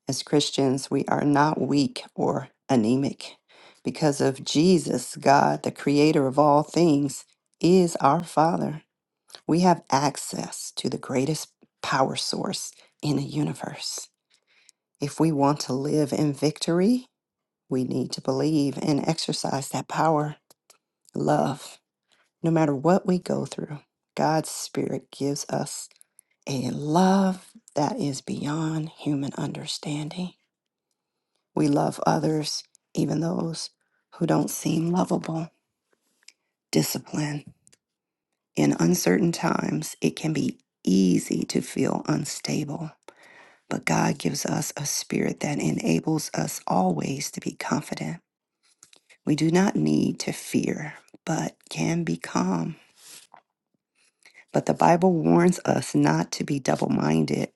C: As Christians, we are not weak or anemic. Because of Jesus, God, the creator of all things, is our Father. We have access to the greatest power source in the universe. If we want to live in victory, we need to believe and exercise that power, love. No matter what we go through, God's Spirit gives us a love that is beyond human understanding. We love others, even those who don't seem lovable. Discipline. In uncertain times, it can be easy to feel unstable but God gives us a spirit that enables us always to be confident. We do not need to fear, but can be calm. But the Bible warns us not to be double minded,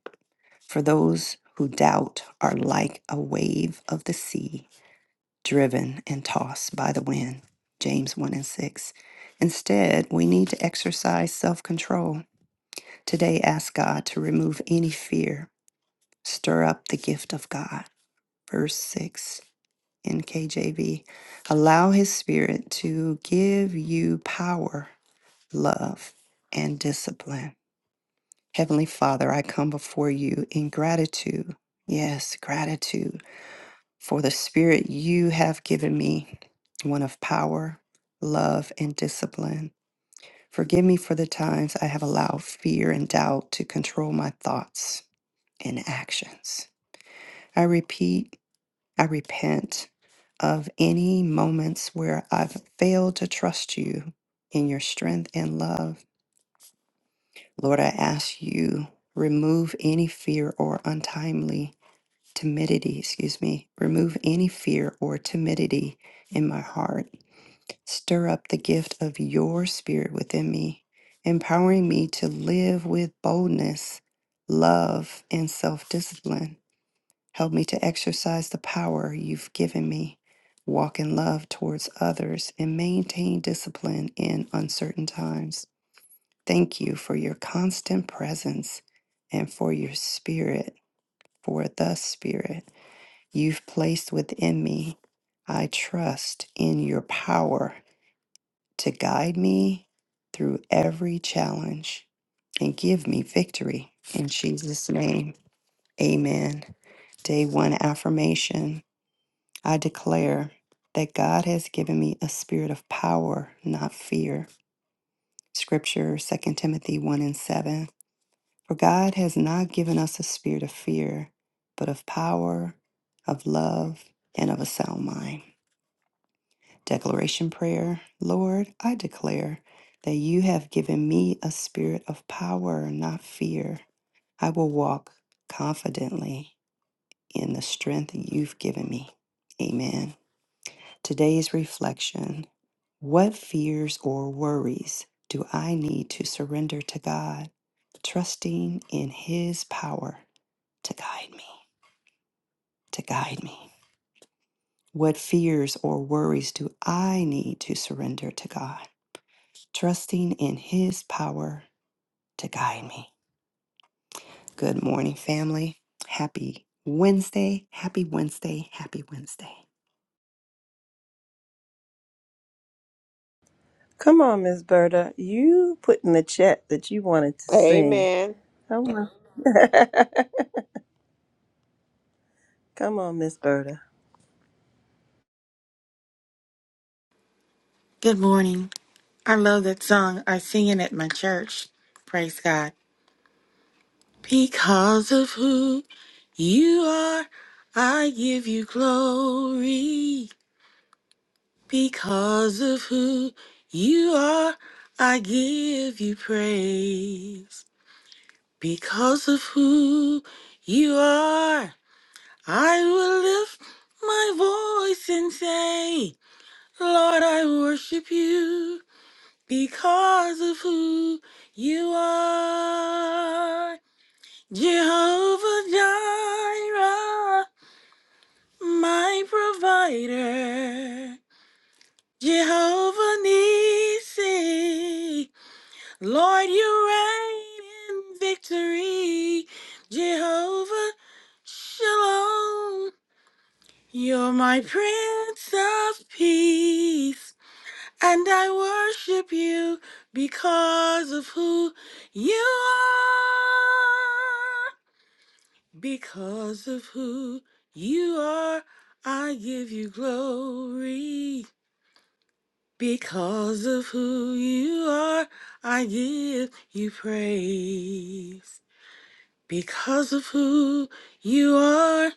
C: for those who doubt are like a wave of the sea, driven and tossed by the wind. James 1 and 6. Instead, we need to exercise self control. Today, ask God to remove any fear, stir up the gift of God. Verse 6 NKJV. Allow his spirit to give you power, love, and discipline. Heavenly Father, I come before you in gratitude. Yes, gratitude for the spirit you have given me, one of power, love, and discipline. Forgive me for the times I have allowed fear and doubt to control my thoughts and actions. I repeat I repent of any moments where I've failed to trust you in your strength and love. Lord, I ask you, remove any fear or untimely timidity, excuse me, remove any fear or timidity in my heart. Stir up the gift of your spirit within me, empowering me to live with boldness, love, and self discipline. Help me to exercise the power you've given me, walk in love towards others, and maintain discipline in uncertain times. Thank you for your constant presence and for your spirit, for the spirit you've placed within me. I trust in your power to guide me through every challenge and give me victory. In Jesus' name, amen. Day one affirmation. I declare that God has given me a spirit of power, not fear. Scripture Second Timothy 1 and 7. For God has not given us a spirit of fear, but of power, of love, and of a sound mind. Declaration prayer Lord, I declare that you have given me a spirit of power, not fear. I will walk confidently in the strength you've given me. Amen. Today's reflection What fears or worries do I need to surrender to God, trusting in His power to guide me? To guide me. What fears or worries do I need to surrender to God, trusting in His power to guide me? Good morning, family. Happy Wednesday. Happy Wednesday. Happy Wednesday.
E: Come on, Miss Berta. You put in the chat that you wanted to sing.
B: Amen.
E: Come on. Come on, Miss Berta.
G: Good morning. I love that song. I sing it at my church. Praise God. Because of who you are, I give you glory. Because of who you are, I give you praise. Because of who you are, I will lift my voice and say, Lord, I worship you. because of who you are. Jehovah Jireh, my provider. Jehovah Nissi, Lord, you reign in victory. Jehovah Shalom, you're my Prince of Peace. And I worship you because of who you are. Because of who you are, I give you glory. Because of who you are, I give you praise. Because of who you are,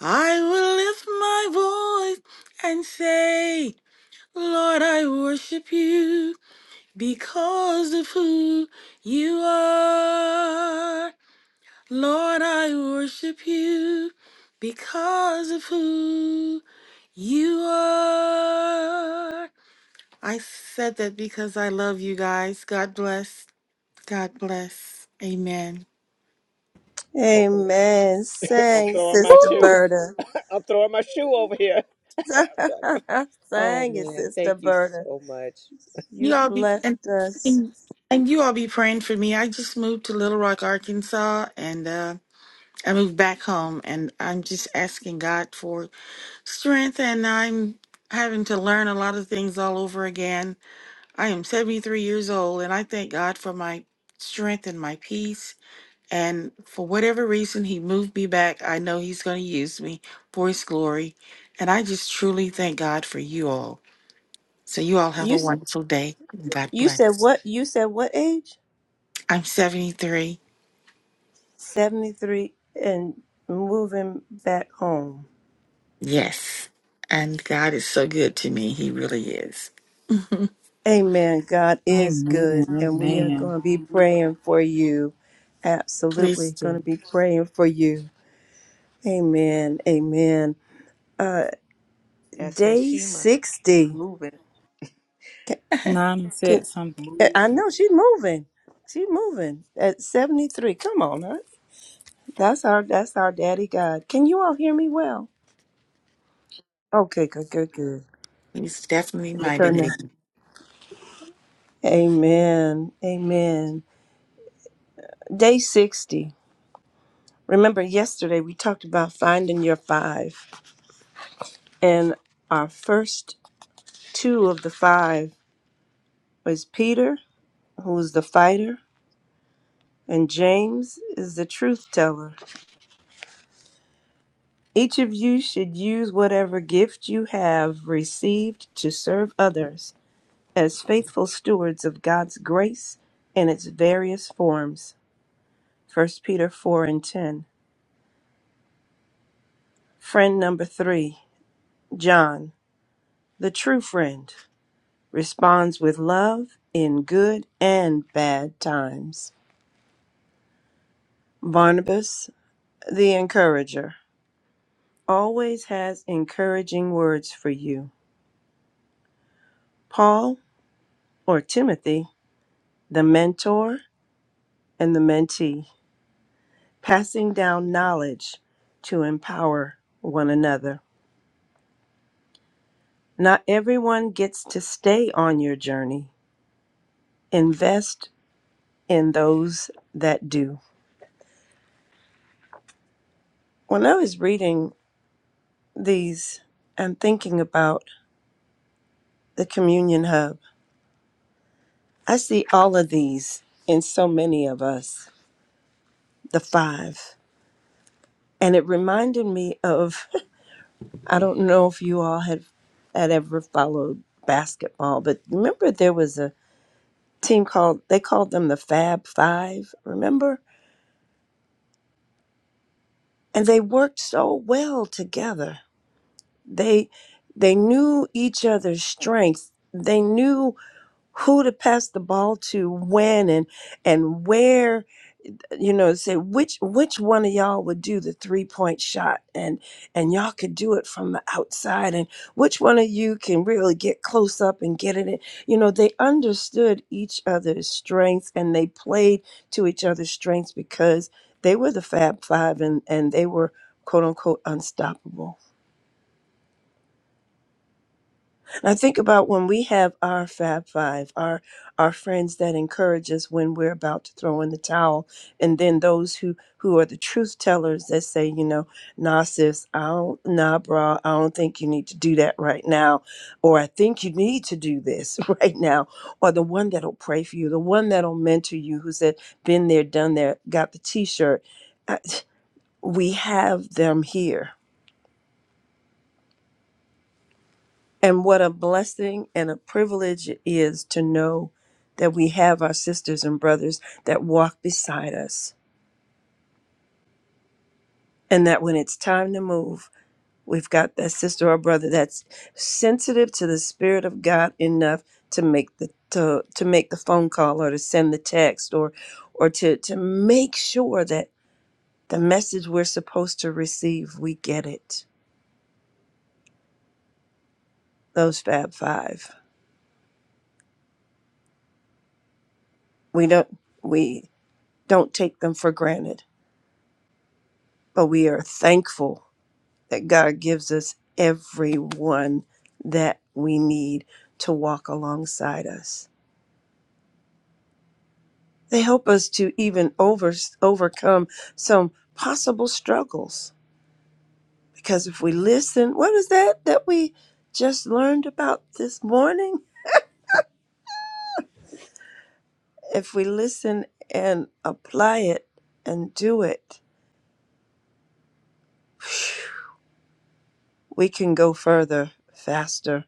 G: I will lift my voice and say, Lord, I worship you Because of who you are, Lord, I worship you. Because of who you are. I said that because I love you guys. God bless. God bless. Amen.
B: Okay.
E: Amen.
B: I'm
E: Sang,
B: throwing my
E: Sister
C: Woo!
B: shoe.
E: Berta.
B: I'm throwing my shoe over here. Oh
E: Sang it,
B: man,
E: Sister
B: thank you
E: Berta.
B: so much.
G: You
E: You
G: all be
E: blessed
G: and
E: us.
G: and, and you all be praying for me. I just moved to Little Rock, Arkansas, and uh, I moved back home, and I'm just asking God for strength and I'm having to learn a lot of things all over again. I am 73 years old and I thank God for my strength and my peace. And for whatever reason he moved me back, I know he's going to use me for his glory. And I just truly thank God for you all. So you all have a
E: You
G: wonderful day. God
E: you said
G: bless.
E: what? You said what age?
G: I'm 73.
E: Seventy three and moving back home.
G: Yes. And God is so good to me. He really is.
E: Amen. God is good, and we are
A: Amen.
E: going to be
A: Amen.
E: praying for you.
G: Please
E: Absolutely, going
G: do.
E: to be praying for you. Amen. Amen. Uh,
B: That's that
E: day
B: Shema
E: sixty.
B: moving
E: Can,
A: Nana
E: can,
A: said something.
E: Eh, I
B: movement.
E: know she moving. She moving at 73. Come on, huh? That's our that's our daddy God. Can you all hear me well? Okay, good, good, good.
G: He's definitely
E: Let me
G: my
E: turn that.
G: daddy.
E: Amen. Amen. Day 60. Remember yesterday we talked about finding your five. And our first two of the five was Peter, who is the fighter, and James is the truth teller. Each of you should use whatever gift you have received to serve others as faithful stewards of God's grace in its various forms. First Peter 4 and 10. Friend number three, John, the true friend, responds with love in good and bad times. Barnabas, the encourager, always has encouraging words for you. Paul, or Timothy, the mentor, and the mentee, passing down knowledge to empower one another. Not everyone gets to stay on your journey. Invest in those that do. When I was reading these and thinking about the communion hub, I see all of these in so many of us, the five. And it reminded me of, I don't know if you all had, had ever followed basketball, but remember there was a team called they called them the Fab Five, remember? And they worked so well together. They they knew each other's strengths. They knew who to pass the ball to when and and where you know say which which one of y'all would do the three point shot and and y'all could do it from the outside and which one of you can really get close up and get it in you know they understood each other's strengths and they played to each other's strengths because they were the fab five and and they were quote unquote unstoppable I think about when we have our Fab Five, our our friends that encourage us when we're about to throw in the towel, and then those who who are the truth tellers that say, you know, nah sis, I don't nah bra, I don't think you need to do that right now, or I think you need to do this right now, or the one that'll pray for you, the one that'll mentor you, who said, been there, done there, got the T-shirt. I, we have them here And what a blessing and a privilege it is to know that we have our sisters and brothers that walk beside us. And that when it's time to move, we've got that sister or brother that's sensitive to the Spirit of God enough to make the to, to make the phone call or to send the text or or to, to make sure that the message we're supposed to receive, we get it. Those Fab Five. We don't we don't take them for granted, but we are thankful that God gives us everyone that we need to walk alongside us. They help us to even over, overcome some possible struggles. Because if we listen, what is that that we just learned about this morning? If we listen and apply it and do it, we can go further faster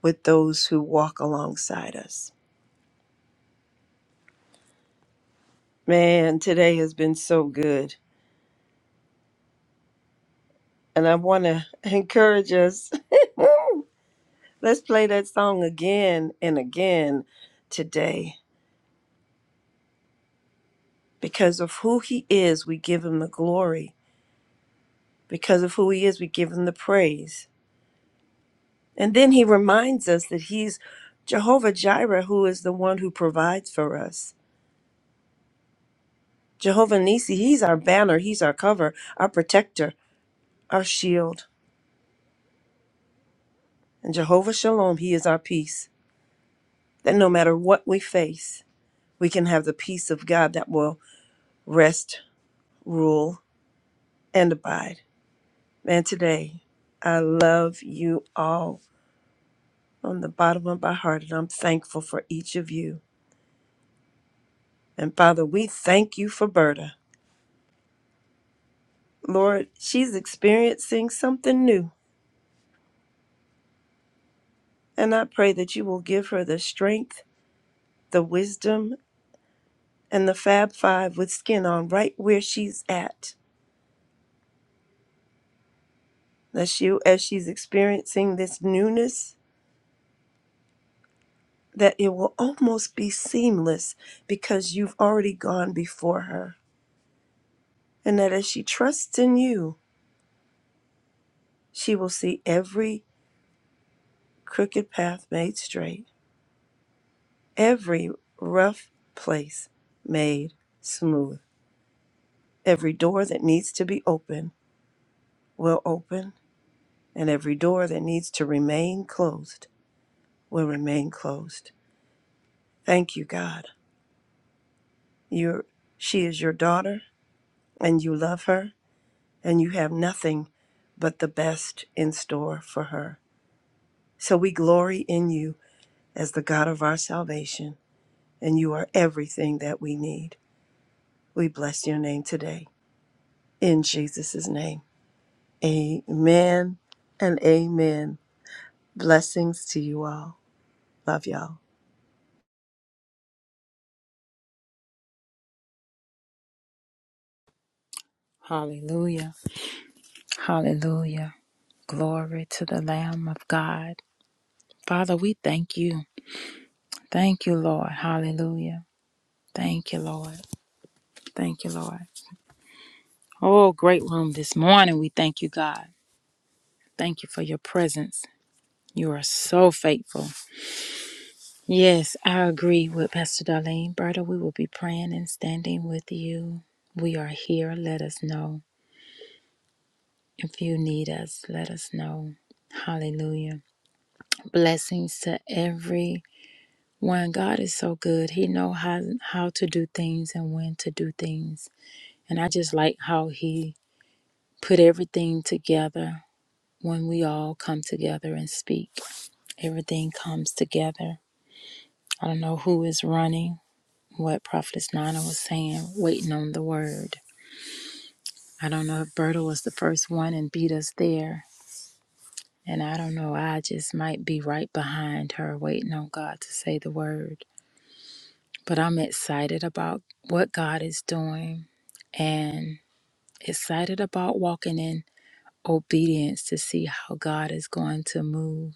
E: with those who walk alongside us. Man, today has been so good. And I want to encourage us. Let's play that song again and again today. Because of who he is, we give him the glory. Because of who he is, we give him the praise. And then he reminds us that he's Jehovah Jireh, who is the one who provides for us. Jehovah Nisi, he's our banner, he's our cover, our protector, our shield. And Jehovah Shalom, he is our peace. That no matter what we face, we can have the peace of God that will rest rule, and abide. And today, I love you all from the bottom of my heart, and I'm thankful for each of you. And Father, we thank you for Berta. Lord, she's experiencing something new, and I pray that you will give her the strength, the wisdom, and the Fab Five with skin on right where she's at. That she, as she's experiencing this newness, that it will almost be seamless because you've already gone before her and that as she trusts in you, she will see every crooked path made straight, every rough place made smooth, every door that needs to be open will open, and every door that needs to remain closed will remain closed. Thank you, God. You're, she is your daughter, and you love her, and you have nothing but the best in store for her. So we glory in you as the God of our salvation. and you are everything that we need. We bless your name today. In Jesus' name, amen and amen. Blessings to you all. Love y'all.
A: Hallelujah. Hallelujah. Glory to the Lamb of God. Father, we thank you. Thank you, Lord. Hallelujah. Thank you, Lord. Thank you, Lord. Oh, great room this morning. We thank you, God. Thank you for your presence. You are so faithful. Yes, I agree with Pastor Darlene. Berta, we will be praying and standing with you. We are here. Let us know. If you need us, let us know. Hallelujah. Blessings to every one. God is so good. He know how how to do things and when to do things. And I just like how he put everything together when we all come together and speak. Everything comes together. I don't know who is running, what Prophetess Nana was saying, waiting on the word. I don't know if Berta was the first one and beat us there. And I don't know, I just might be right behind her waiting on God to say the word. But I'm excited about what God is doing and excited about walking in obedience to see how God is going to move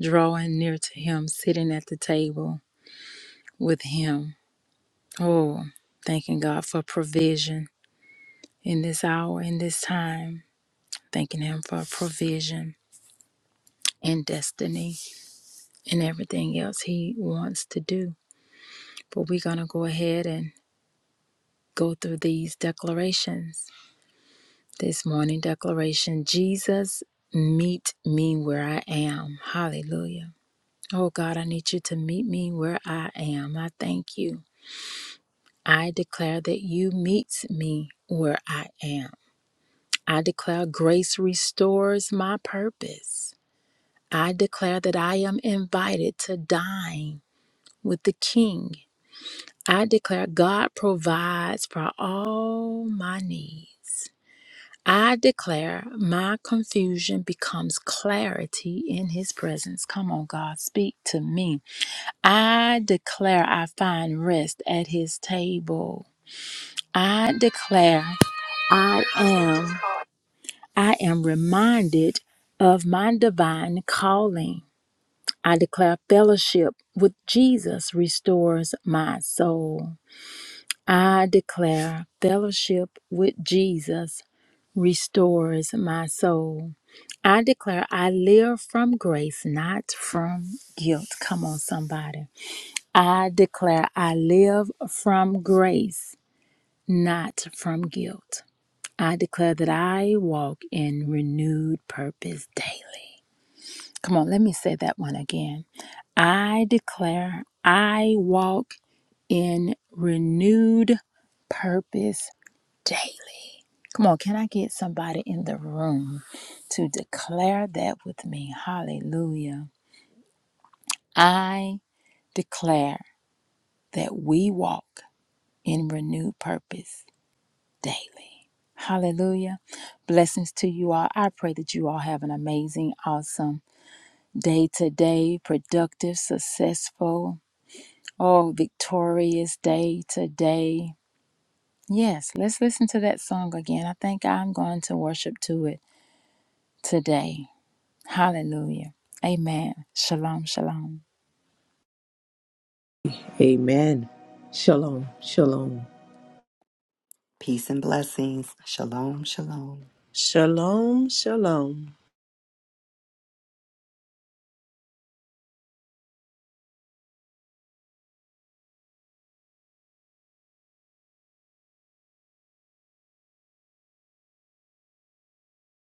A: drawing near to him, sitting at the table with him. Oh, thanking God for provision in this hour, in this time, thanking him for provision and destiny and everything else he wants to do. But we're going to go ahead and go through these declarations. This morning declaration Jesus, meet me where I am. Hallelujah. Oh God, I need you to meet me where I am. I thank you. I declare that you meets me where I am. I declare grace restores my purpose. I declare that I am invited to dine with the King. I declare God provides for all my needs. I declare my confusion becomes clarity in his presence. Come on, God, speak to me. I declare I find rest at his table. I declare I am I am reminded of my divine calling. I declare fellowship with Jesus restores my soul. I declare fellowship with Jesus restores my soul. I declare I live from grace, not from guilt. Come on, somebody. I declare I live from grace, not from guilt. I declare that I walk in renewed purpose daily. Come on, let me say that one again. I declare I walk in renewed purpose daily. Come on, can I get somebody in the room to declare that with me? Hallelujah. I declare that we walk in renewed purpose daily. Hallelujah. Blessings to you all. I pray that you all have an amazing, awesome day today, productive, successful, oh, victorious day today. Yes, let's listen to that song again. I think I'm going to worship to it today. Hallelujah. Amen. Shalom, shalom.
B: Amen. Shalom. Shalom.
C: Peace and blessings. Shalom, shalom.
E: Shalom, shalom.